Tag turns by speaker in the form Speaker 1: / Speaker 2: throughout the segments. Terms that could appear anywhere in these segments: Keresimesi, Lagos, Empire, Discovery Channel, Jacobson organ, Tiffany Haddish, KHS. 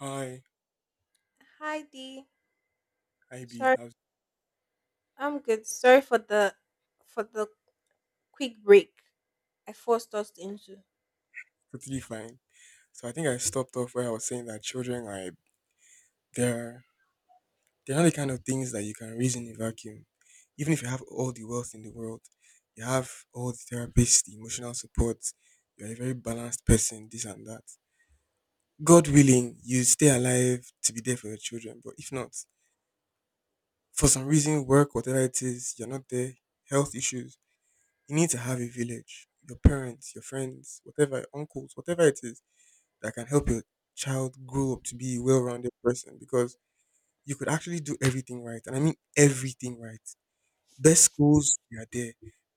Speaker 1: Hi,
Speaker 2: Hi Dee.
Speaker 1: IB.
Speaker 2: Sorry,
Speaker 1: I was
Speaker 2: I'm good. Sorry for the for the quick break I forced us into.
Speaker 1: totally fine. So I think I stopped off where I was saying that children are they're they're not the kind of things that you can raise in a vacuum. Even if you have all the wealth in the world, you have all the therapists, the emotional support, you're a very balanced person, this and that. God willing, you stay alive to be there for your children. But if not, for some reason, work, whatever it is, you're not there, health issues, you need to have a village. Your parents, your friends, whatever, uncles, whatever it is that can help your child grow up to be a well-rounded person, because you could actually do everything right, and I mean everything right. Best schools, they are there.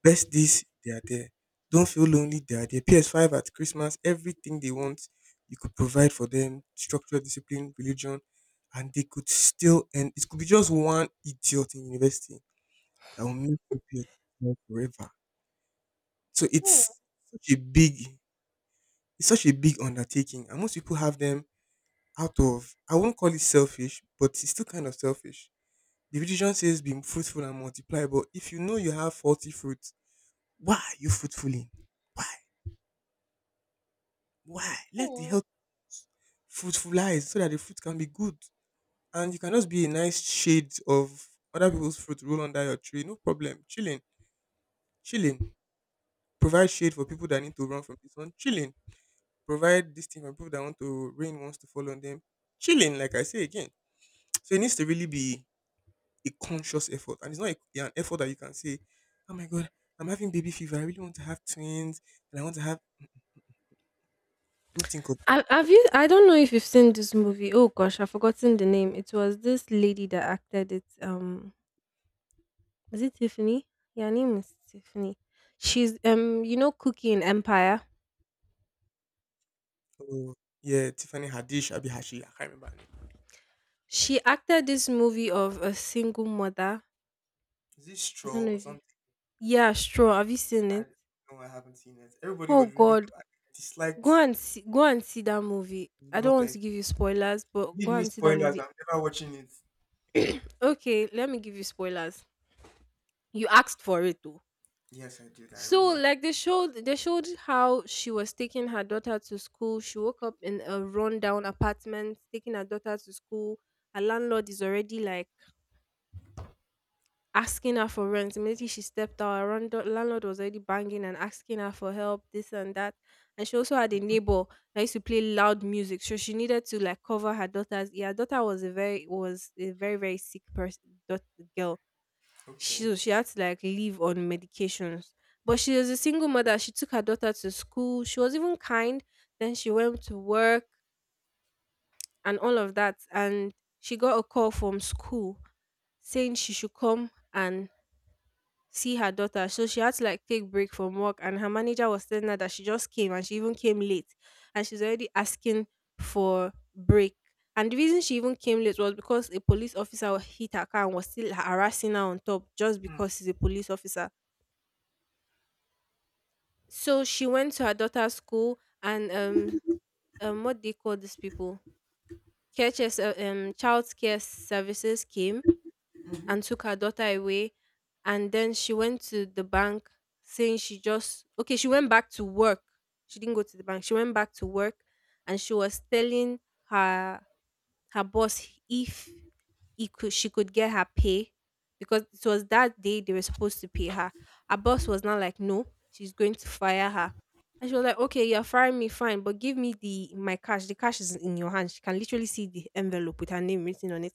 Speaker 1: Best this, they are there. Don't feel lonely, they are there. PS5 at Christmas, everything they want. You could provide for them structure, discipline, religion, and they could still — and it could be just one idiot in university that will make you pay attention forever. So
Speaker 2: Hmm.
Speaker 1: such a big it's such a big undertaking, and most people have them out of — I won't call it selfish, but it's still kind of selfish. The religion says be fruitful and multiply, but if you know you have faulty fruits, why are you fruitfuling? Why? Why? Let the
Speaker 2: hmm.
Speaker 1: health fruitfulize so that the fruit can be good. And you can just be a nice shade of other people's fruit, roll under your tree. No problem. Chilling. Chilling. Provide shade for people that need to run from this one. Chilling. Provide this thing for people that want to, rain wants to fall on them. Chilling, like I say again. So it needs to really be a conscious effort, and it's not a, yeah, an effort that you can say, "Oh my God, I'm having baby fever. I really want to have twins, and I want to have." Don't think of.
Speaker 2: Have you? I don't know if you've seen this movie. Oh gosh, I've forgotten the name. It was this lady that acted it. Is it Tiffany? Yeah, her name is Tiffany. She's you know, Cookie in Empire.
Speaker 1: Oh, yeah, Tiffany Haddish, Abi Hashi. I can't remember her name.
Speaker 2: She acted this movie of a single mother.
Speaker 1: Is this
Speaker 2: I don't
Speaker 1: straw
Speaker 2: know
Speaker 1: or
Speaker 2: if you.
Speaker 1: something?
Speaker 2: Yeah, sure. Have you seen
Speaker 1: I
Speaker 2: it?
Speaker 1: don't know. I haven't seen it. Everybody was
Speaker 2: Oh
Speaker 1: raving
Speaker 2: God,
Speaker 1: about it. I
Speaker 2: go
Speaker 1: disliked.
Speaker 2: and see that movie. I
Speaker 1: No,
Speaker 2: don't want
Speaker 1: thank
Speaker 2: to
Speaker 1: you.
Speaker 2: give you spoilers, but
Speaker 1: Give
Speaker 2: go
Speaker 1: me
Speaker 2: and see that
Speaker 1: spoilers.
Speaker 2: movie.
Speaker 1: I'm never watching it.
Speaker 2: Okay, let me give you spoilers. You asked for it though.
Speaker 1: Yes, I did. I
Speaker 2: So
Speaker 1: remember.
Speaker 2: like they showed how she was taking her daughter to school. She woke up in a rundown apartment, taking her daughter to school. Her landlord is already like asking her for rent. Immediately she stepped out. Her landlord was already banging and asking her for help, this and that. And she also had a neighbor that used to play loud music, so she needed to like cover her daughter's ear. Her daughter was a very sick person. Girl, she
Speaker 1: Okay.
Speaker 2: so she had to like live on medications. But she was a single mother. She took her daughter to school. She was even kind. Then she went to work and all of that. And she got a call from school saying she should come and see her daughter. So she had to like take break from work and her manager was telling her that she just came and she even came late and she's already asking for break. And the reason she even came late was because a police officer hit her car and was still harassing her on top just
Speaker 1: Mm.
Speaker 2: because he's a police officer. So she went to her daughter's school and what do you call these people? KHS child care services came and took her daughter away. And then she went to the bank saying okay, she went back to work. She didn't go to the bank. She went back to work and she was telling her her boss if he could she could get her pay because it was that day they were supposed to pay her. Her boss was not like, no, she's going to fire her. And she was like, okay, you're firing me, fine, but give me the my cash. The cash is in your hand. She can literally see the envelope with her name written on it.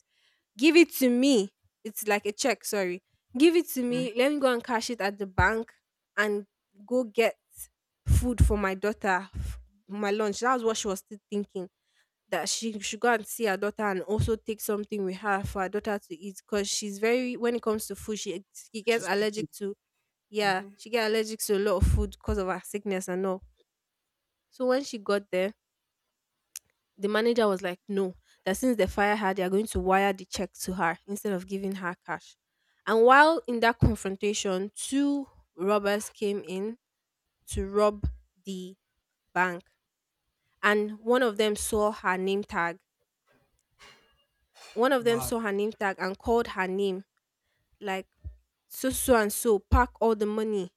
Speaker 2: Give it to me. It's like a check, sorry. Give it to
Speaker 1: Hmm.
Speaker 2: me.
Speaker 1: Mm-hmm.
Speaker 2: Let me go and cash it at the bank and go get food for my daughter, my lunch. That was what she was still thinking. That she should go and see her daughter and also take something with her for her daughter to eat. Because she's very, when it comes to food, she gets
Speaker 1: She's picky.
Speaker 2: allergic to, yeah,
Speaker 1: Hmm.
Speaker 2: she get allergic to a lot of food because of her sickness and all. So when she got there, the manager was like, no, that since they fire her, they are going to wire the check to her instead of giving her cash. And while in that confrontation, two robbers came in to rob the bank. And one of them saw her name tag. One of them
Speaker 1: Mad.
Speaker 2: saw her name tag and called her name, like, and so, pack all the money.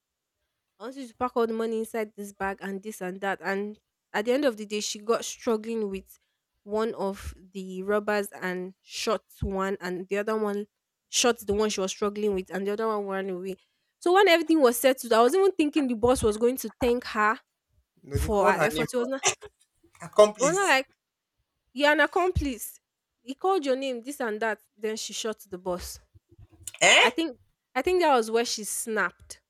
Speaker 2: I want you to pack all the money inside this bag and this and that. And at the end of the day, she got struggling with one of the robbers and shot one, and the other one shot the one she was struggling with, and the other one ran away. So when everything was settled, I was even thinking the boss was going to thank her
Speaker 1: No, they
Speaker 2: for
Speaker 1: called
Speaker 2: her
Speaker 1: her name.
Speaker 2: effort. It was not
Speaker 1: Accomplice.
Speaker 2: like you're an accomplice. He called your name, this and that. Then she shot the boss.
Speaker 1: Eh?
Speaker 2: I think, I think that was where she snapped.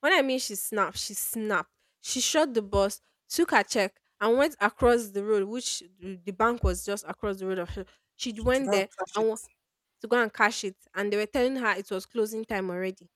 Speaker 2: When I mean she snapped, she snapped. She shot the bus, took her check, and went across the road, which the bank was just across the road of her. She
Speaker 1: To
Speaker 2: went
Speaker 1: go and
Speaker 2: there
Speaker 1: catch it.
Speaker 2: and wa- to go and cash it, and they were telling her it was closing time already.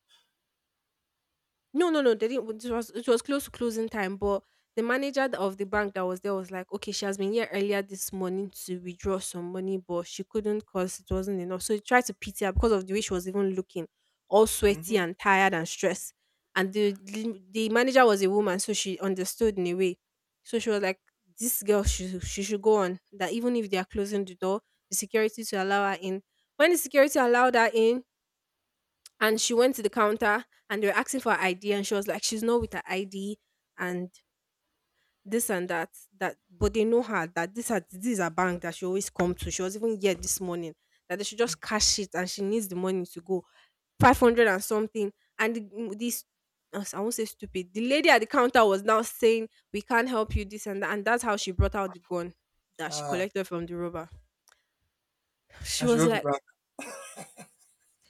Speaker 2: No, no, no. They didn't. It was close to closing time, but the manager of the bank that was there was like, okay, she has been here earlier this morning to withdraw some money, but she couldn't because it wasn't enough. So he tried to pity her because of the way she was even looking, all sweaty
Speaker 1: Mm-hmm.
Speaker 2: and tired and stressed. And the manager was a woman, so she understood in a way. So she was like, this girl, she should go on. That even if they are closing the door, the security to allow her in. When the security allowed her in, and she went to the counter and they were asking for her ID and she was like, she's not with her ID and this and that. That but they know her that this is her bank that she always come to. She was even here this morning. That they should just cash it and she needs the money to go. 500 and something. And this I won't say stupid. The lady at the counter was now saying, we can't help you, this and that. And that's how she brought out the gun that she
Speaker 1: Ah.
Speaker 2: collected from the robber.
Speaker 1: I
Speaker 2: She
Speaker 1: should
Speaker 2: was
Speaker 1: rub it
Speaker 2: like,
Speaker 1: back.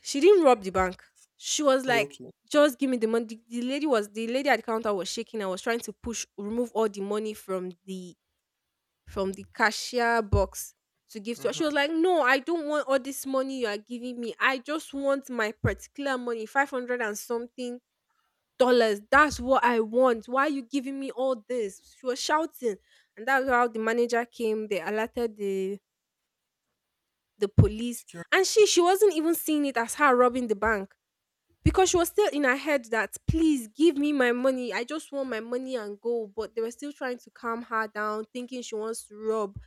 Speaker 2: she didn't rob the bank. She was
Speaker 1: Oh,
Speaker 2: like,
Speaker 1: okay.
Speaker 2: just give me the money. The lady was the lady at the counter was shaking. I was trying to push remove all the money from the cashier box to give to her. She was
Speaker 1: Mm-hmm.
Speaker 2: like, no, I don't want all this money you are giving me. I just want my particular money, 500 and something dollars. That's what I want. Why are you giving me all this? She was shouting. And that's how the manager came. They alerted the police. And
Speaker 1: Security.
Speaker 2: she wasn't even seeing it as her robbing the bank. Because she was still in her head that please give me my money, I just want my money and go, but they were still trying to calm her down thinking she wants to rob,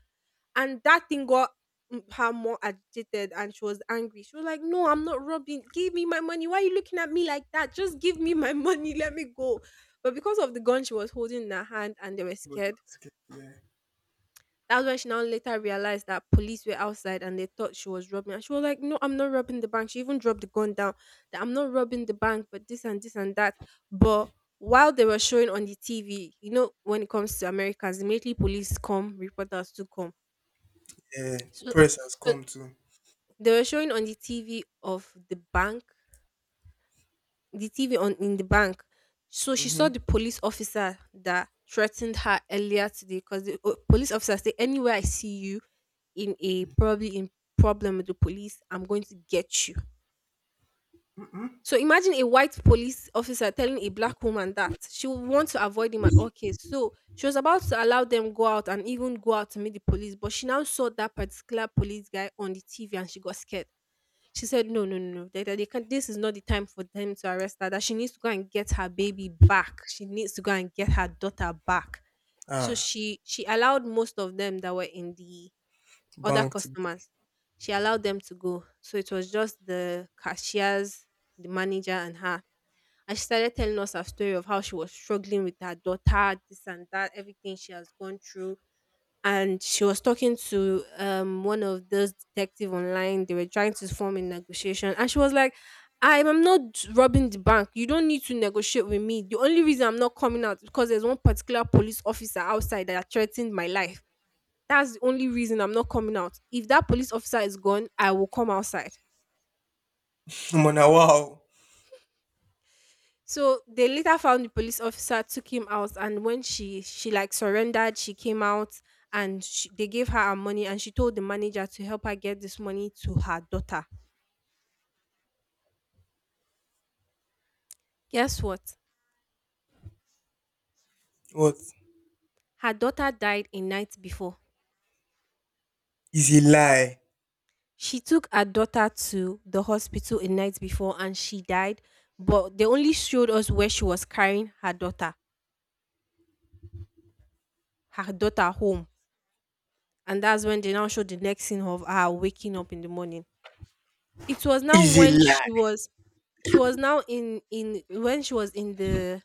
Speaker 2: and that thing got her more agitated and she was angry. She was like, no, I'm not robbing, give me my money, why are you looking at me like that, just give me my money, let me go. But because of the gun she was holding in her hand and they were
Speaker 1: Everybody
Speaker 2: scared,
Speaker 1: was scared. Yeah.
Speaker 2: that's when she now later realized that police were outside and they thought she was robbing. And she was like, no, I'm not robbing the bank. She even dropped the gun down that I'm not robbing the bank, but this and this and that. But while they were showing on the TV, you know, when it comes to Americans, immediately police come, reporters to come.
Speaker 1: Yeah.
Speaker 2: So,
Speaker 1: Press has
Speaker 2: so
Speaker 1: come too.
Speaker 2: they were showing on the TV of the bank, the TV on in the bank. So she
Speaker 1: Mm-hmm.
Speaker 2: saw the police officer that threatened her earlier today because the police officer said, "Anywhere I see you in a probably in problem with the police, I'm going to get you." So imagine a white police officer telling a black woman that she would want to avoid him at all cases. So she was about to allow them go out and even go out to meet the police, but she now saw that particular police guy on the TV and she got scared. She said, no, no, no, no. That they can't, this is not the time for them to arrest her. That she needs to go and get her baby back. She needs to go and get her daughter back. So
Speaker 1: Ah.
Speaker 2: she allowed most of them that were in the other
Speaker 1: Bank to go.
Speaker 2: customers. She allowed them to go. So it was just the cashiers, the manager, and her. And she started telling us her story of how she was struggling with her daughter, this and that, everything she has gone through, and she was talking to one of those detective online. They were trying to form a negotiation and she was like, "I'm not robbing the bank. You don't need to negotiate with me. The only reason I'm not coming out is because there's one particular police officer outside that threatened my life. That's the only reason I'm not coming out. If that police officer is gone, I will come outside."
Speaker 1: Mona, wow.
Speaker 2: So they later found the police officer, took him out, and when she like surrendered, she came out and she, they gave her her money, and she told the manager to help her get this money to her daughter. Guess what?
Speaker 1: What?
Speaker 2: Her daughter died a night before.
Speaker 1: Is a lie.
Speaker 2: She took her daughter to the hospital a night before, and she died. But they only showed us where she was carrying her daughter home, and that's when they now showed the next scene of her waking up in the morning. It was now
Speaker 1: Is a
Speaker 2: when
Speaker 1: lie.
Speaker 2: she was now in when she was in the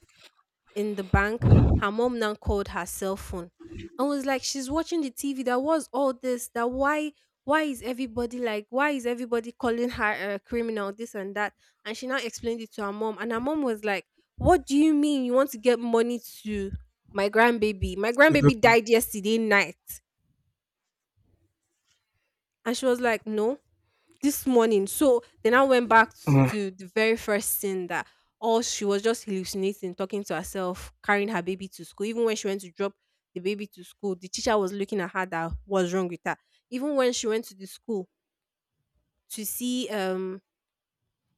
Speaker 2: in the bank, her mom now called her cell phone and was like, she's watching the TV. That was all this. That why is everybody like, why is everybody calling her a criminal, this and that? And she now explained it to her mom. And her mom was like, "What do you mean you want to get money to my grandbaby? My
Speaker 1: Your
Speaker 2: grandbaby
Speaker 1: daughter.
Speaker 2: died yesterday night." And she was like, "No, this morning." So they now went back
Speaker 1: Mm.
Speaker 2: to the very first scene that all she was just hallucinating, talking to herself, carrying her baby to school. Even when she went to drop the baby to school, the teacher was looking at her that was wrong with her. Even when she went to the school to see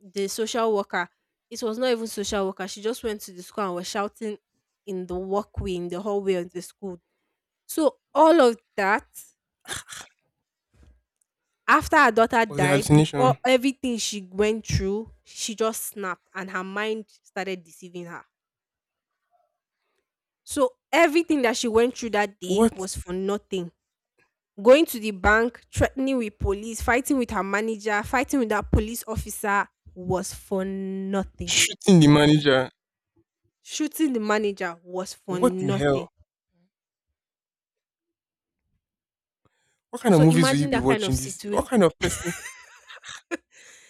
Speaker 2: the social worker, it was not even social worker. She just went to the school and was shouting in the walkway, in the hallway of the school. So all of that, after her daughter
Speaker 1: Was a
Speaker 2: died, with all
Speaker 1: hallucination.
Speaker 2: everything she went through, she just snapped and her mind started deceiving her. So everything that she went through that day
Speaker 1: What?
Speaker 2: was for nothing: going to the bank, threatening with police, fighting with her manager, fighting with that police officer was for nothing.
Speaker 1: Shooting the manager.
Speaker 2: Shooting the manager was for
Speaker 1: What the hell?
Speaker 2: nothing.
Speaker 1: What kind of
Speaker 2: So
Speaker 1: movies will you
Speaker 2: imagine
Speaker 1: be
Speaker 2: that kind of
Speaker 1: watching? This?
Speaker 2: situation.
Speaker 1: What kind of person?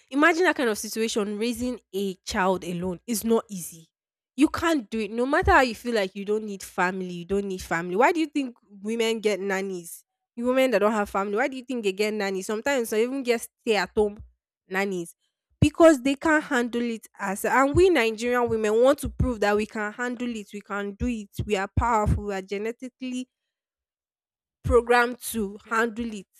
Speaker 2: Imagine that kind of situation, raising a child alone is not easy. You can't do it. No matter how you feel like you don't need family, you don't need family. Why do you think women get nannies? You Women that don't have family, why do you think they get nannies? Sometimes they even get stay at home nannies because they can't handle it, as and we Nigerian women want to prove that we can handle it, we can do it, we are powerful, we are genetically programmed to handle it.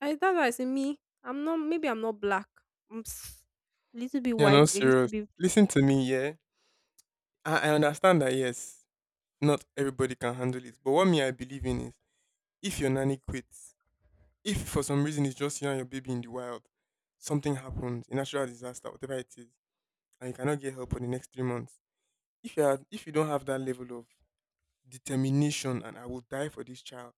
Speaker 2: I That's why I say me. I'm not. Maybe I'm not black. I'm s- Little bit
Speaker 1: You're
Speaker 2: white.
Speaker 1: not
Speaker 2: A
Speaker 1: serious.
Speaker 2: little bit.
Speaker 1: Listen to me, yeah. I understand that, yes, not everybody can handle it. But what me, I believe in is, if your nanny quits, if for some reason it's just you and your baby in the wild, something happens, a natural disaster, whatever it is, and you cannot get help for the next 3 months. If you are — if you don't have that level of determination and I will die for this child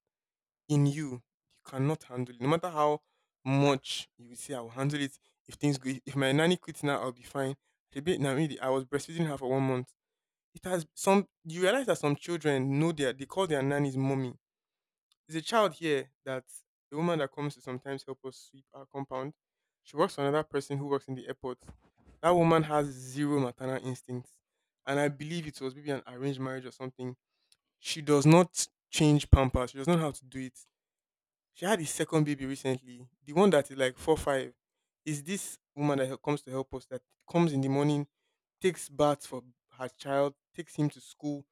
Speaker 1: in you, you cannot handle it. No matter how much you say I will handle it, if things go, if my nanny quits now, I'll be fine. The bit now, really, I was breastfeeding her for one month. It has some. You realize that some children know their they call their nannies mommy. There's a child here that — the woman that comes to sometimes help us sweep our compound. She works for another person who works in the airport. That woman has zero maternal instincts. And I believe it was maybe an arranged marriage or something. She does not change pampers. She does not know how to do it. She had a second baby recently. The one that is like four five is this woman that hel- comes to help us, that comes in the morning, takes baths for her child, takes him to school,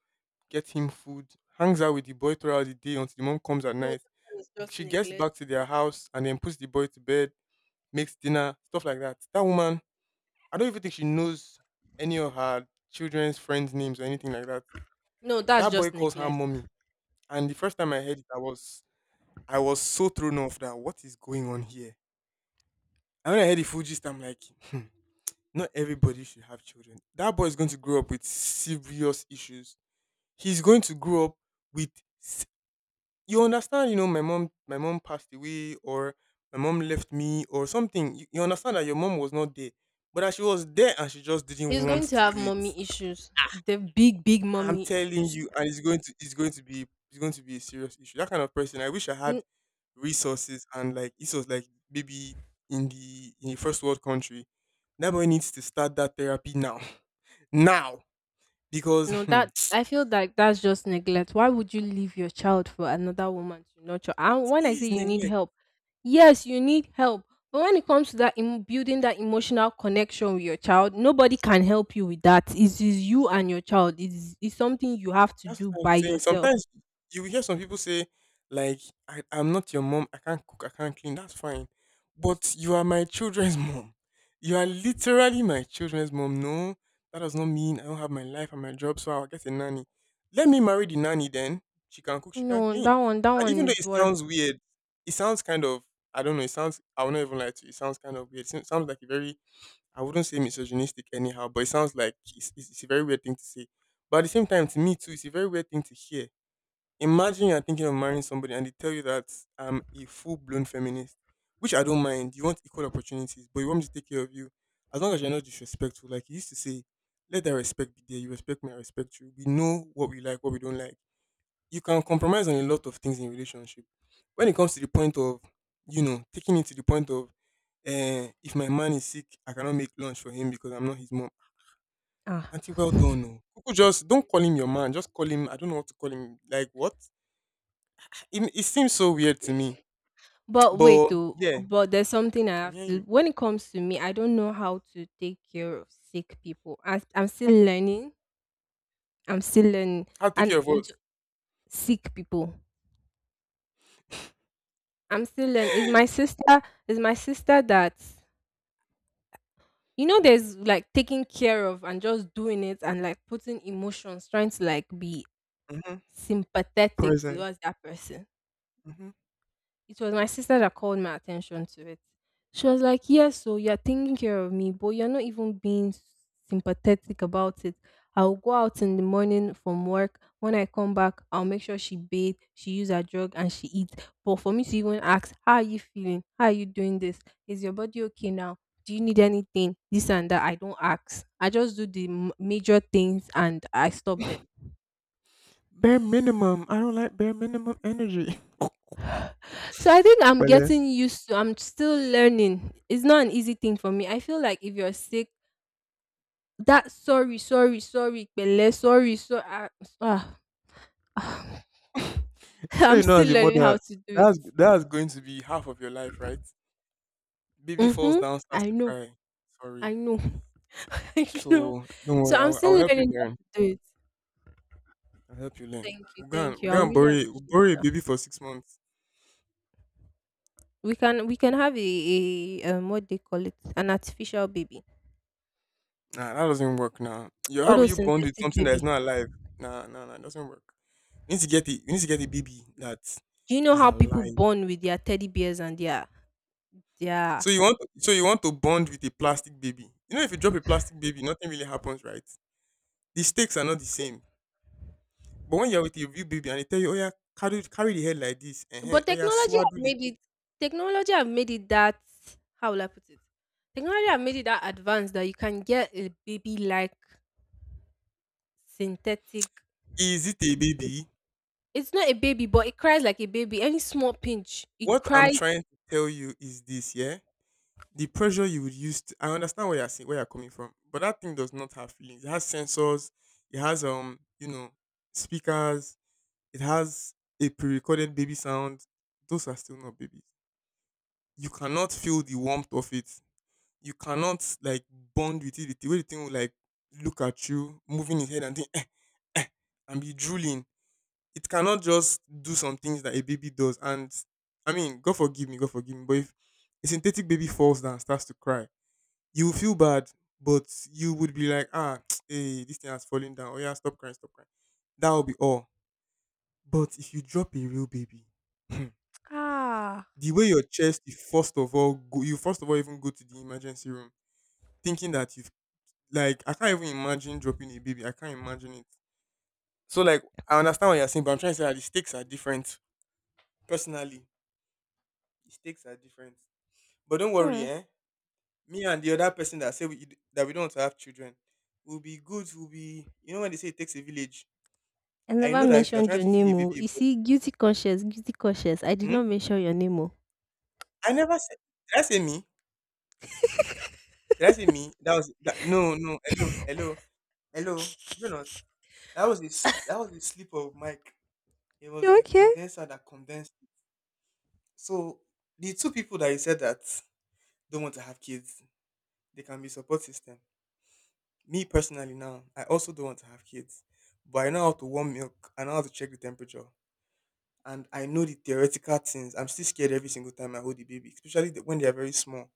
Speaker 1: gets him food, hangs out with the boy throughout the day until the mom comes at
Speaker 2: No,
Speaker 1: night,
Speaker 2: that one is just
Speaker 1: she gets
Speaker 2: neglect.
Speaker 1: back to their house and then puts the boy to bed, makes dinner, stuff like that. That woman, I don't even think she knows any of her children's friends' names or anything like that.
Speaker 2: No, that's
Speaker 1: That boy
Speaker 2: just
Speaker 1: calls her
Speaker 2: neglect.
Speaker 1: mommy. And the first time I heard it, I was — I was so thrown off that what is going on here? And when I heard the full gist, I'm like, hmm, not everybody should have children. That boy is going to grow up with serious issues. He's going to grow up with — you understand, my mom passed away, or my mom left me or something. You understand that your mom was not there. But that she was there and she just didn't
Speaker 2: He's
Speaker 1: want
Speaker 2: going to
Speaker 1: to
Speaker 2: have
Speaker 1: do it.
Speaker 2: mommy issues. The big, big
Speaker 1: I'm
Speaker 2: mommy
Speaker 1: telling
Speaker 2: issues.
Speaker 1: you, and it's going to be it's going to be a serious issue. That kind of person. I wish I had resources and like this was like maybe in the first world country. That boy needs to start that therapy now. Now. Because
Speaker 2: No,
Speaker 1: hmm,
Speaker 2: that I feel like that's just neglect. Why would you leave your child for another woman to nurture? And
Speaker 1: it
Speaker 2: when I say
Speaker 1: is
Speaker 2: you need
Speaker 1: neglect.
Speaker 2: help, yes, you need help. But when it comes to building that emotional connection with your child, nobody can help you with that. It is you and your child. It's something you have to
Speaker 1: That's
Speaker 2: do
Speaker 1: what I'm
Speaker 2: by
Speaker 1: saying.
Speaker 2: yourself.
Speaker 1: Sometimes you will hear some people say, like, I'm not your mom, I can't cook, I can't clean, that's fine. But you are my children's mom. You are literally my children's mom. No, that does not mean I don't have my life and my job, so I'll get a nanny. Let me marry the nanny then. She can cook, she can
Speaker 2: No,
Speaker 1: clean.
Speaker 2: that
Speaker 1: And
Speaker 2: one
Speaker 1: even though
Speaker 2: is
Speaker 1: it
Speaker 2: worth.
Speaker 1: sounds weird, it sounds kind of, I don't know, it sounds, I will not even lie to you, it sounds kind of weird. It sounds like a very — I wouldn't say misogynistic anyhow, but it sounds like it's a very weird thing to say. But at the same time, to me too, it's a very weird thing to hear. Imagine you're thinking of marrying somebody and they tell you that I'm a full blown feminist, which I don't mind. You want equal opportunities, but you want me to take care of you as long as you're not disrespectful. Like you used to say, let that respect be there. You respect me, I respect you. We know what we like, what we don't like. You can compromise on a lot of things in relationship. When it comes to the point of, taking it to the point of, if my man is sick, I cannot make lunch for him because I'm not his mom.
Speaker 2: Ah.
Speaker 1: Auntie, well done. No. Kuku just don't call him your man. Just call him. I don't know what to call him. Like what? It seems so weird to me.
Speaker 2: But wait,
Speaker 1: But
Speaker 2: though.
Speaker 1: yeah,
Speaker 2: But there's something I
Speaker 1: I'm
Speaker 2: have
Speaker 1: hearing
Speaker 2: to.
Speaker 1: you.
Speaker 2: When it comes to me, I don't know how to take care of sick people. I'm still learning. I'm still learning,
Speaker 1: I'll take care
Speaker 2: and
Speaker 1: of us.
Speaker 2: with sick people. I'm still learning. Is my sister? Is my sister that, you know? There's like taking care of and just doing it and like putting emotions, trying to like be
Speaker 1: Hmm.
Speaker 2: sympathetic
Speaker 1: Present.
Speaker 2: towards that person.
Speaker 1: Hmm.
Speaker 2: It was my sister that called my attention to it. She was like, "Yes, so you're taking care of me, but you're not even being sympathetic about it." I'll go out in the morning from work. When I come back, I'll make sure she bathe, she use her drug, and she eats. But for me to even ask, how are you feeling? How are you doing this? Is your body okay now? Do you need anything? This and that. I don't ask. I just do the major things and I stop there.
Speaker 1: Bare minimum. I don't like bare minimum energy.
Speaker 2: So I think I'm
Speaker 1: Well, eh,
Speaker 2: getting used to, I'm still learning. It's not an easy thing for me. I feel like if you're sick, that sorry, sorry, sorry, pele, sorry, so ah, ah, ah.
Speaker 1: sure,
Speaker 2: I'm
Speaker 1: you know,
Speaker 2: still
Speaker 1: as a
Speaker 2: learning how
Speaker 1: mother,
Speaker 2: to do it.
Speaker 1: that's going to be half of your life, right? Baby falls
Speaker 2: Mm-hmm.
Speaker 1: down, starts
Speaker 2: I
Speaker 1: to
Speaker 2: know.
Speaker 1: cry. Sorry.
Speaker 2: I know. I know.
Speaker 1: So don't worry.
Speaker 2: So I'm
Speaker 1: I'll
Speaker 2: still
Speaker 1: help you
Speaker 2: learning how
Speaker 1: learn.
Speaker 2: to do it.
Speaker 1: I'll help you learn.
Speaker 2: Thank you.
Speaker 1: We're gonna,
Speaker 2: Thank
Speaker 1: we're
Speaker 2: you. I
Speaker 1: gonna
Speaker 2: really
Speaker 1: borrow, a- we'll
Speaker 2: appreciate
Speaker 1: borrow a
Speaker 2: it.
Speaker 1: baby for 6 months.
Speaker 2: We can have a what they call it, an artificial baby.
Speaker 1: Nah, that doesn't work now. Yo, how
Speaker 2: All
Speaker 1: will
Speaker 2: those
Speaker 1: you bond with
Speaker 2: synthetic
Speaker 1: something that is
Speaker 2: baby.
Speaker 1: not alive? Nah, nah, nah, it doesn't work. You need to get it. You need to get a baby that
Speaker 2: Do you know
Speaker 1: is
Speaker 2: how people
Speaker 1: alive.
Speaker 2: born with their teddy bears and their their?
Speaker 1: So you want to bond with a plastic baby. You know, if you drop a plastic baby, nothing really happens, right? The stakes are not the same. But when you're with a real baby and they tell you, oh yeah, carry the head like this, uh-huh,
Speaker 2: But
Speaker 1: oh yeah, swaddle it.
Speaker 2: technology have made it that, how will I put it? Technology have made it that advanced that you can get a baby like synthetic,
Speaker 1: Is it a baby?
Speaker 2: it's not a baby, but it cries like a baby. Any small pinch, it
Speaker 1: What I'm
Speaker 2: cries.
Speaker 1: trying to tell you is this, yeah? The pressure you would use to — I understand where you're saying, where you're coming from, but that thing does not have feelings. It has sensors, it has speakers, it has a pre-recorded baby sound. Those are still not babies. You cannot feel the warmth of it. You cannot like bond with it. The way the thing will like look at you, moving his head and think, eh, eh, and be drooling, it cannot just do some things that a baby does. And I mean, God forgive me, God forgive me. But if a synthetic baby falls down and starts to cry, you will feel bad, but you would be like, ah, hey, this thing has fallen down. Oh yeah, stop crying, stop crying. That will be all. But if you drop a real baby, hmm,
Speaker 2: Ah.
Speaker 1: the way your chest, you first of all even go to the emergency room, thinking that you've — like I can't even imagine dropping a baby. I can't imagine it. So like I understand what you're saying, but I'm trying to say that the stakes are different personally. The stakes are different. But don't worry,
Speaker 2: Hmm.
Speaker 1: eh? Me and the other person that say that we don't want to have children will be good. Will be, you know, when they say it takes a village.
Speaker 2: I
Speaker 1: I
Speaker 2: never
Speaker 1: know that if you are
Speaker 2: mentioned
Speaker 1: trying
Speaker 2: your
Speaker 1: to feed
Speaker 2: name.
Speaker 1: a
Speaker 2: Oh.
Speaker 1: baby a
Speaker 2: You see, guilty conscious, guilty conscious. I did
Speaker 1: bottle, hmm?
Speaker 2: not mention your name. Oh.
Speaker 1: I never said. Did I say me? Did I say me? That was that. No, no. Hello, hello, hello. Between us, That was a slip of Mike. It was
Speaker 2: You
Speaker 1: the
Speaker 2: okay.
Speaker 1: condenser that condensed. So the two people that you said that don't want to have kids, they can be support system. Me personally now, I also don't want to have kids. But I know how to warm milk. I know how to check the temperature. And I know the theoretical things. I'm still scared every single time I hold the baby, especially when they are very small.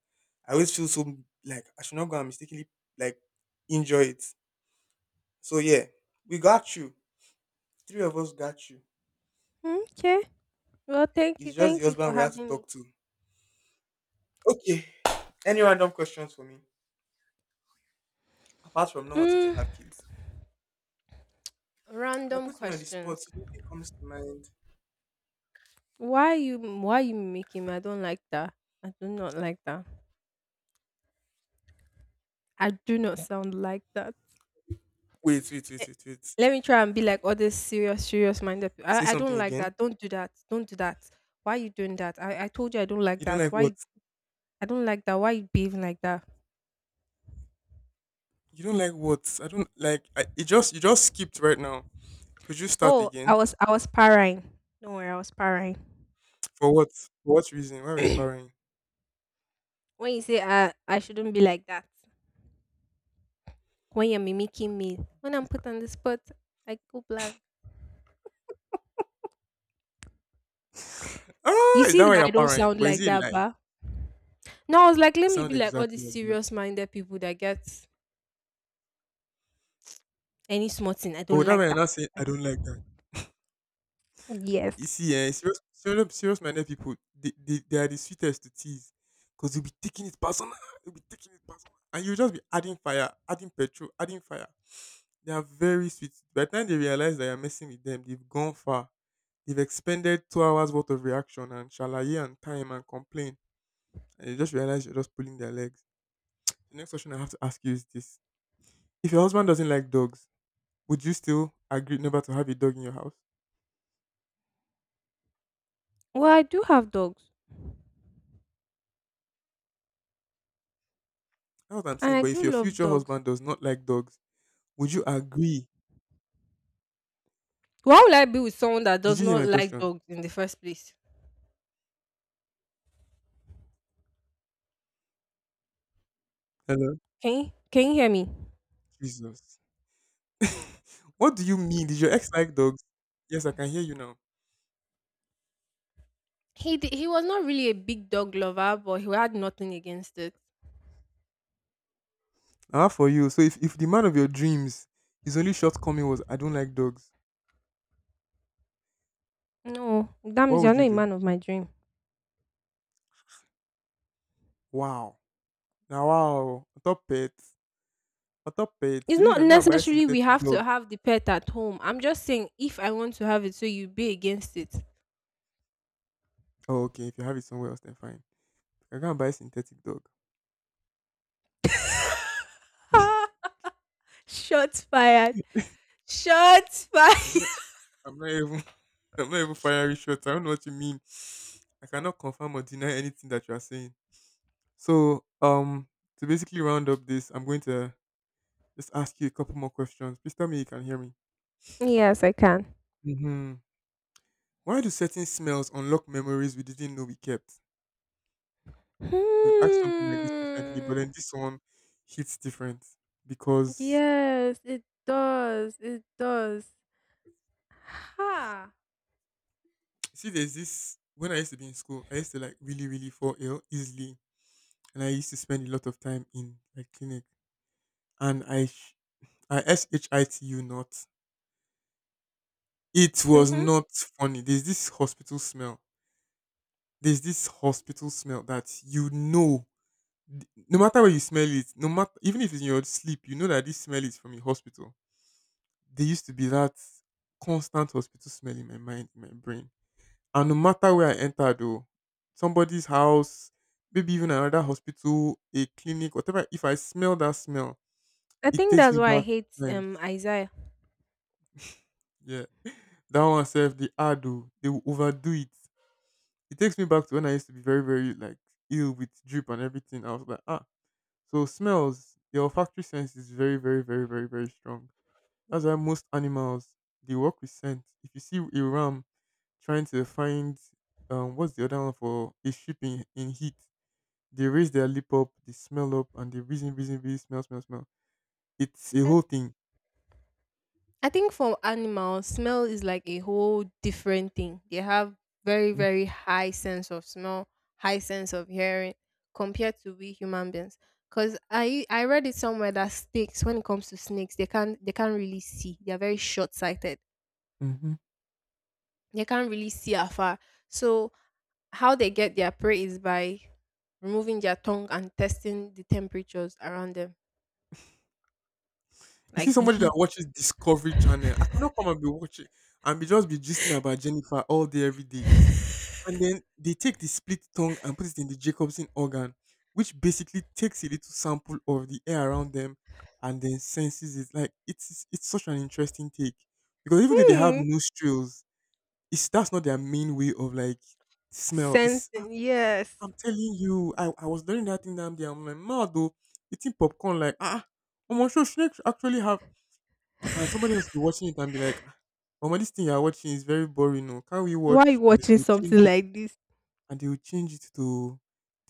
Speaker 1: I always feel so like I should not go and mistakenly like injure it. So yeah, we got you. Three of us got you.
Speaker 2: Mm, okay. Well,
Speaker 1: It's just the
Speaker 2: thank you for
Speaker 1: husband we have to
Speaker 2: having me.
Speaker 1: talk to. Okay. Any random questions for me? Apart from not wanting to
Speaker 2: Mm,
Speaker 1: have kids. You're
Speaker 2: random
Speaker 1: me on the spot,
Speaker 2: questions.
Speaker 1: nothing comes to mind.
Speaker 2: Why you making me? I don't like that. I do not like that. I do not sound like that.
Speaker 1: Wait, wait, wait,
Speaker 2: Eh,
Speaker 1: wait, wait.
Speaker 2: let me try and be like all these serious, serious minded people.
Speaker 1: Say
Speaker 2: I don't
Speaker 1: something
Speaker 2: like
Speaker 1: again.
Speaker 2: that. Don't do that. Don't do that. Why you doing that? I told you I don't like
Speaker 1: You don't
Speaker 2: that.
Speaker 1: like
Speaker 2: Why
Speaker 1: what?
Speaker 2: you- I don't like that. Why you behaving like that?
Speaker 1: You don't like what? I don't like. It just you just skipped right now. Could you start
Speaker 2: Oh, I
Speaker 1: again?
Speaker 2: was I was parrying. Don't worry, I was parrying.
Speaker 1: For what? For what reason? Why were you parrying?
Speaker 2: When you say I shouldn't be like that. When you're mimicking me, when I'm put on the spot, I go blank.
Speaker 1: Ah,
Speaker 2: You
Speaker 1: is
Speaker 2: see
Speaker 1: that why
Speaker 2: that
Speaker 1: you're
Speaker 2: I don't
Speaker 1: parrying?
Speaker 2: sound
Speaker 1: But is
Speaker 2: like
Speaker 1: it
Speaker 2: that,
Speaker 1: like?
Speaker 2: ba? No, I was like,
Speaker 1: It
Speaker 2: let me
Speaker 1: sounds
Speaker 2: be like all
Speaker 1: exactly
Speaker 2: these
Speaker 1: like that.
Speaker 2: serious minded people that get any small thing. I
Speaker 1: Oh,
Speaker 2: don't
Speaker 1: that way
Speaker 2: like
Speaker 1: you're
Speaker 2: that.
Speaker 1: not saying
Speaker 2: I
Speaker 1: I don't like that.
Speaker 2: don't- Yes.
Speaker 1: You see, eh, serious, serious, serious-minded people, they are the sweetest to tease, cause you'll be taking it personal. You'll be taking it personal, and you'll just be adding fire, adding petrol, adding fire. They are very sweet. By the time they realize that you're messing with them, they've gone far. You've expended 2 hours worth of reaction and shalaye and time and complain, and you just realize you're just pulling their legs. The next question I have to ask you is this: if your husband doesn't like dogs, would you still agree never to have a dog in your house?
Speaker 2: Well, I do have dogs
Speaker 1: That's what I'm
Speaker 2: and
Speaker 1: saying.
Speaker 2: I
Speaker 1: But if
Speaker 2: do
Speaker 1: your
Speaker 2: love
Speaker 1: future
Speaker 2: dogs.
Speaker 1: husband does not like dogs, would you agree?
Speaker 2: Why would I be with someone that
Speaker 1: Did
Speaker 2: does
Speaker 1: you hear
Speaker 2: not
Speaker 1: my
Speaker 2: like
Speaker 1: question?
Speaker 2: dogs in the first place?
Speaker 1: Hello,
Speaker 2: Can you hear me?
Speaker 1: Jesus. What do you mean? Did your ex like dogs? Yes, I can hear you now.
Speaker 2: He was not really a big dog lover, but he had nothing against it.
Speaker 1: Ah, for you. So if the man of your dreams, his only shortcoming was I don't like dogs,
Speaker 2: No, that
Speaker 1: what
Speaker 2: means you're
Speaker 1: would you
Speaker 2: not a
Speaker 1: do?
Speaker 2: man of my dream.
Speaker 1: Wow. Now wow, top pets, on top pets,
Speaker 2: It's
Speaker 1: maybe you
Speaker 2: not
Speaker 1: can go and buy a
Speaker 2: necessarily we
Speaker 1: synthetic
Speaker 2: have to
Speaker 1: dog.
Speaker 2: have the pet at home. I'm just saying if I want to have it, so you be against it.
Speaker 1: Oh, okay, if you have it somewhere else, then fine. You can go and buy a synthetic dog.
Speaker 2: Ah, shots fired. Shots fired.
Speaker 1: I'm not, I'm not even, I'm not even firing shots. I don't know what you mean. I cannot confirm or deny anything that you are saying. So, to basically round up this, I'm going to just ask you a couple more questions. Please tell me you can hear me.
Speaker 2: Yes, I can.
Speaker 1: Hmm. Why do certain smells unlock memories we didn't know we kept? We've asked something like this recently, but
Speaker 2: Hmm.
Speaker 1: then this one hits different because
Speaker 2: Yes, it does. It does. Ha.
Speaker 1: you see, there's this, when I used to be in school, I used to like really, really fall ill easily, and I used to spend a lot of time in like clinic. And ISHITU not. It was
Speaker 2: Mm-hmm.
Speaker 1: not funny. There's this hospital smell. There's this hospital smell that you know, no matter where you smell it, no matter even if it's in your sleep, you know that this smell is from a hospital. There used to be that constant hospital smell in my mind, in my brain. And no matter where I entered, oh, somebody's house, maybe even another hospital, a clinic, whatever. If I smell that smell,
Speaker 2: I
Speaker 1: it
Speaker 2: think
Speaker 1: takes
Speaker 2: that's
Speaker 1: me
Speaker 2: why I
Speaker 1: back
Speaker 2: hate
Speaker 1: to times.
Speaker 2: Isaiah.
Speaker 1: Yeah. That one self, the ad, oh, they will overdo it. It takes me back to when I used to be very, very like ill with drip and everything. I was like, ah. So smells, the olfactory sense is very, very, very, very, very strong. That's why most animals they work with scent. If you see a ram trying to find what's the other one for a sheep in heat, they raise their lip up, they smell up, and they reason, reason, reason, smell, smell, smell. It's a
Speaker 2: I,
Speaker 1: whole thing.
Speaker 2: I think for animals, smell is like a whole different thing. They have very very high sense of smell, high sense of hearing compared to we human beings. Cause I read it somewhere that snakes, when it comes to snakes, they can't really see. They are very short sighted,
Speaker 1: Mm-hmm.
Speaker 2: they can't really see afar. So how they get their prey is by removing their tongue and testing the temperatures around them,
Speaker 1: You see
Speaker 2: like the
Speaker 1: somebody that
Speaker 2: heat.
Speaker 1: watches Discovery Channel. I cannot come and be watching and be just be gisting about Jennifer all day, every day. And then they take the split tongue and put it in the Jacobson organ, which basically takes a little sample of the air around them and then senses it. Like it's such an interesting take. Because even though they have
Speaker 2: Hmm.
Speaker 1: nostrils, it's that's not their main way of like smell. It's
Speaker 2: Sensing, yes.
Speaker 1: I'm telling you, I was doing that thing down there. I'm like, mad though, eating popcorn, like, ah, Mama, sure, snakes actually have. And somebody else will be watching it and be like, ah, Mama, this thing you're watching is very boring. No, can we
Speaker 2: Why are you
Speaker 1: watch? And they
Speaker 2: watching
Speaker 1: will change
Speaker 2: something
Speaker 1: it,
Speaker 2: like this?
Speaker 1: and they will change it to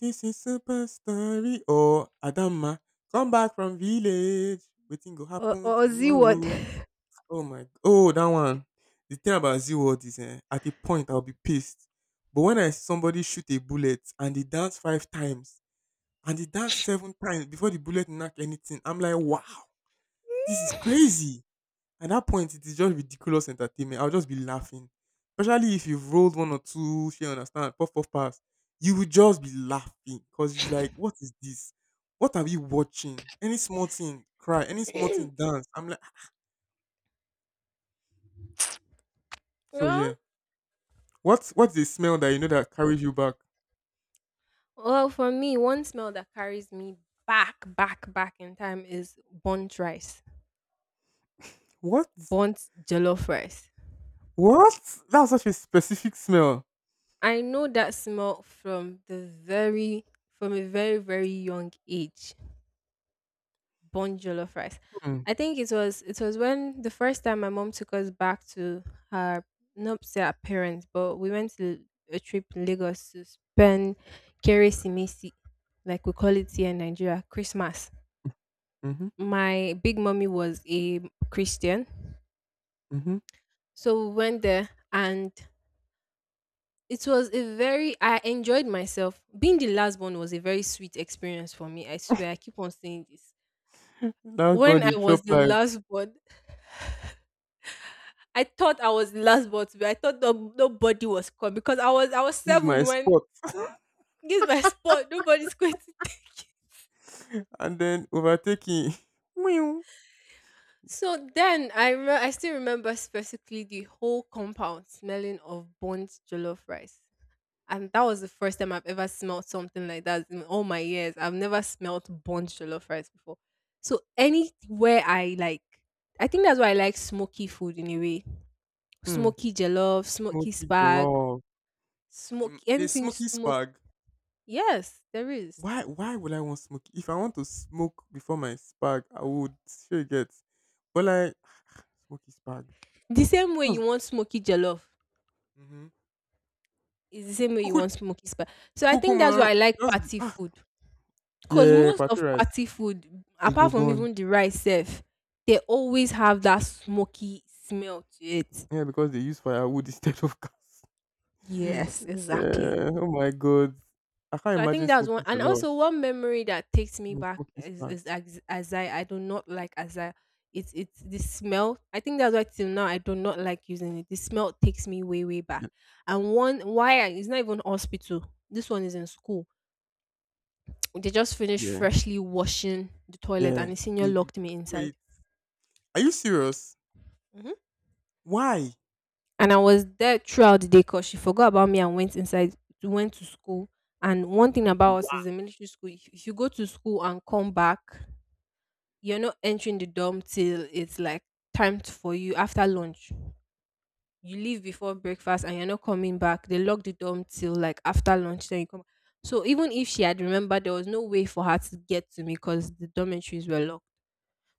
Speaker 1: this is Super Story or Adama, come back from village. Waiting go happen
Speaker 2: Or see what?
Speaker 1: tomorrow. Oh my, oh, that one. The thing about Z World is, eh, at a point, I'll be pissed. But when I see somebody shoot a bullet and they dance five times, and he danced 7 times before the bullet knocked anything. I'm like, "Wow, this is crazy." At that point, it is just ridiculous entertainment. I'll just be laughing. Especially if you've rolled 1 or 2, you understand, puff puff pass, you will just be laughing because it's like, "What is this? What are we watching?" Any small thing, cry. Any small thing, dance. I'm like ah. So yeah.
Speaker 2: Well,
Speaker 1: What's the smell that you know that carries you back?
Speaker 2: well, for me, one smell that carries me back, back, back in time is burnt rice,
Speaker 1: What?
Speaker 2: burnt jollof rice.
Speaker 1: What? That's such a specific smell.
Speaker 2: I know that smell from the very, from a very very young age. Born jollof rice.
Speaker 1: Hmm.
Speaker 2: I think it was when the first time my mom took us back to her, not say her parents, but we went to a trip in Lagos to spend Keresimesi, like we call it here in Nigeria, Christmas.
Speaker 1: Mhm,
Speaker 2: My big mommy was a Christian,
Speaker 1: mhm.
Speaker 2: so we went there and it was a very, I enjoyed myself. Being the last one was a very sweet experience for me. I swear I keep on saying this.
Speaker 1: That one
Speaker 2: When I
Speaker 1: dey chop
Speaker 2: was the
Speaker 1: life.
Speaker 2: last one, I thought I was the last one to be. I thought no, nobody was coming because I was
Speaker 1: This is my
Speaker 2: 7 when,
Speaker 1: spot.
Speaker 2: this is my spot, nobody's going to take it.
Speaker 1: And then overtaking. Meow.
Speaker 2: So then I still remember specifically the whole compound smelling of burnt jollof rice. And that was the first time I've ever smelled something like that in all my years. I've never smelled burnt jollof rice before. So anywhere I like, I think that's why I like smoky food in a way.
Speaker 1: Hmm.
Speaker 2: Smoky jollof, smoky
Speaker 1: Smoky
Speaker 2: spag,
Speaker 1: jollof.
Speaker 2: smoky
Speaker 1: The
Speaker 2: anything
Speaker 1: smoky
Speaker 2: smoky.
Speaker 1: spag.
Speaker 2: Yes, there is.
Speaker 1: Why? Why would I want smoky? If I want to smoke before my spag, I would sure get. But like smoky spag.
Speaker 2: The same way
Speaker 1: That
Speaker 2: you
Speaker 1: was-
Speaker 2: want smoky jollof
Speaker 1: Mhm.
Speaker 2: is the same way you
Speaker 1: Kuku,
Speaker 2: want smoky spag. So I
Speaker 1: kuku
Speaker 2: think that's
Speaker 1: man.
Speaker 2: why I like
Speaker 1: Just be,
Speaker 2: party
Speaker 1: ah.
Speaker 2: food. Cause
Speaker 1: Yeah,
Speaker 2: most
Speaker 1: party
Speaker 2: of
Speaker 1: rice.
Speaker 2: party food,
Speaker 1: It go
Speaker 2: apart from
Speaker 1: burn.
Speaker 2: even the rice self, they always have that smoky smell to it.
Speaker 1: Yeah, because they use firewood instead of gas.
Speaker 2: Yes, exactly.
Speaker 1: Eh, oh my god. I can't
Speaker 2: So I think
Speaker 1: imagine
Speaker 2: that's one,
Speaker 1: smoking
Speaker 2: and
Speaker 1: jollof.
Speaker 2: also one memory that takes me
Speaker 1: No,
Speaker 2: back
Speaker 1: smoking
Speaker 2: is,
Speaker 1: spark.
Speaker 2: as I do not like, as I, it's the smell. I think that's why till now I do not like using it. The smell takes me way way back.
Speaker 1: Yeah.
Speaker 2: And one why I, it's not even hospital. This one is in school. They just finished
Speaker 1: Yeah.
Speaker 2: freshly washing the toilet,
Speaker 1: Yeah.
Speaker 2: and the senior
Speaker 1: They will
Speaker 2: locked me
Speaker 1: pour
Speaker 2: inside.
Speaker 1: it. Are you serious?
Speaker 2: Mhm.
Speaker 1: Why?
Speaker 2: And I was there throughout the day because she forgot about me and went inside, went to school. And one thing about us
Speaker 1: Wow.
Speaker 2: is in military school, if you go to school and come back, you're not entering the dorm till it's like timed for you after lunch. You leave before breakfast and you're not coming back. They lock the dorm till like after lunch, then you come. So even if she had remembered, there was no way for her to get to me because the dormitories were locked.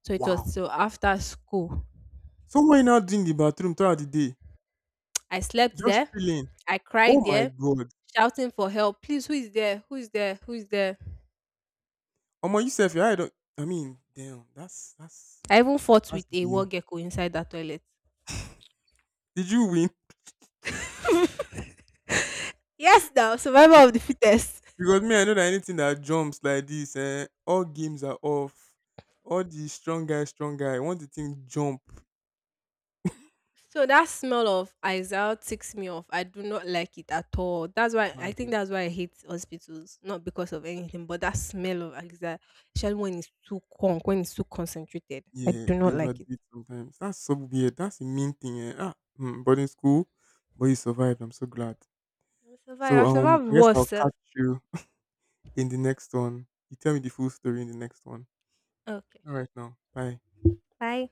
Speaker 2: So it was
Speaker 1: Wow.
Speaker 2: so after school.
Speaker 1: So why now doing the bathroom throughout the day.
Speaker 2: I slept
Speaker 1: Just
Speaker 2: there.
Speaker 1: chilling.
Speaker 2: I cried
Speaker 1: Oh my
Speaker 2: there,
Speaker 1: god.
Speaker 2: shouting for help. Please, who is there? Who is there? Who is there?
Speaker 1: Omo, you self, your eye don't I mean, damn, that's that's
Speaker 2: I even fought
Speaker 1: that's
Speaker 2: with a war
Speaker 1: deal.
Speaker 2: gecko inside that toilet.
Speaker 1: Did you win?
Speaker 2: Yes, now survival of the fittest.
Speaker 1: Because me, I know that anything that jumps like this, eh, all games are off. All the strong guy, strong guy. Once the thing jump,
Speaker 2: So that smell of Isaiah ticks me off. I do not like it at all. That's why, I think
Speaker 1: man,
Speaker 2: that's why I hate hospitals. Not because of anything, but that smell of Isaiah, especially when it's too conk, when it's too concentrated. I
Speaker 1: yeah,
Speaker 2: do
Speaker 1: they
Speaker 2: not like
Speaker 1: overdo
Speaker 2: it.
Speaker 1: it sometimes. That's so weird. That's a mean thing. Eh. Ah, but in school, but you survived. I'm so glad.
Speaker 2: I survived.
Speaker 1: So
Speaker 2: I survived
Speaker 1: I guess
Speaker 2: worse.
Speaker 1: I'll
Speaker 2: Sef.
Speaker 1: catch you in the next one. You tell me the full story in the next one.
Speaker 2: Okay.
Speaker 1: All right now, bye.
Speaker 2: Bye.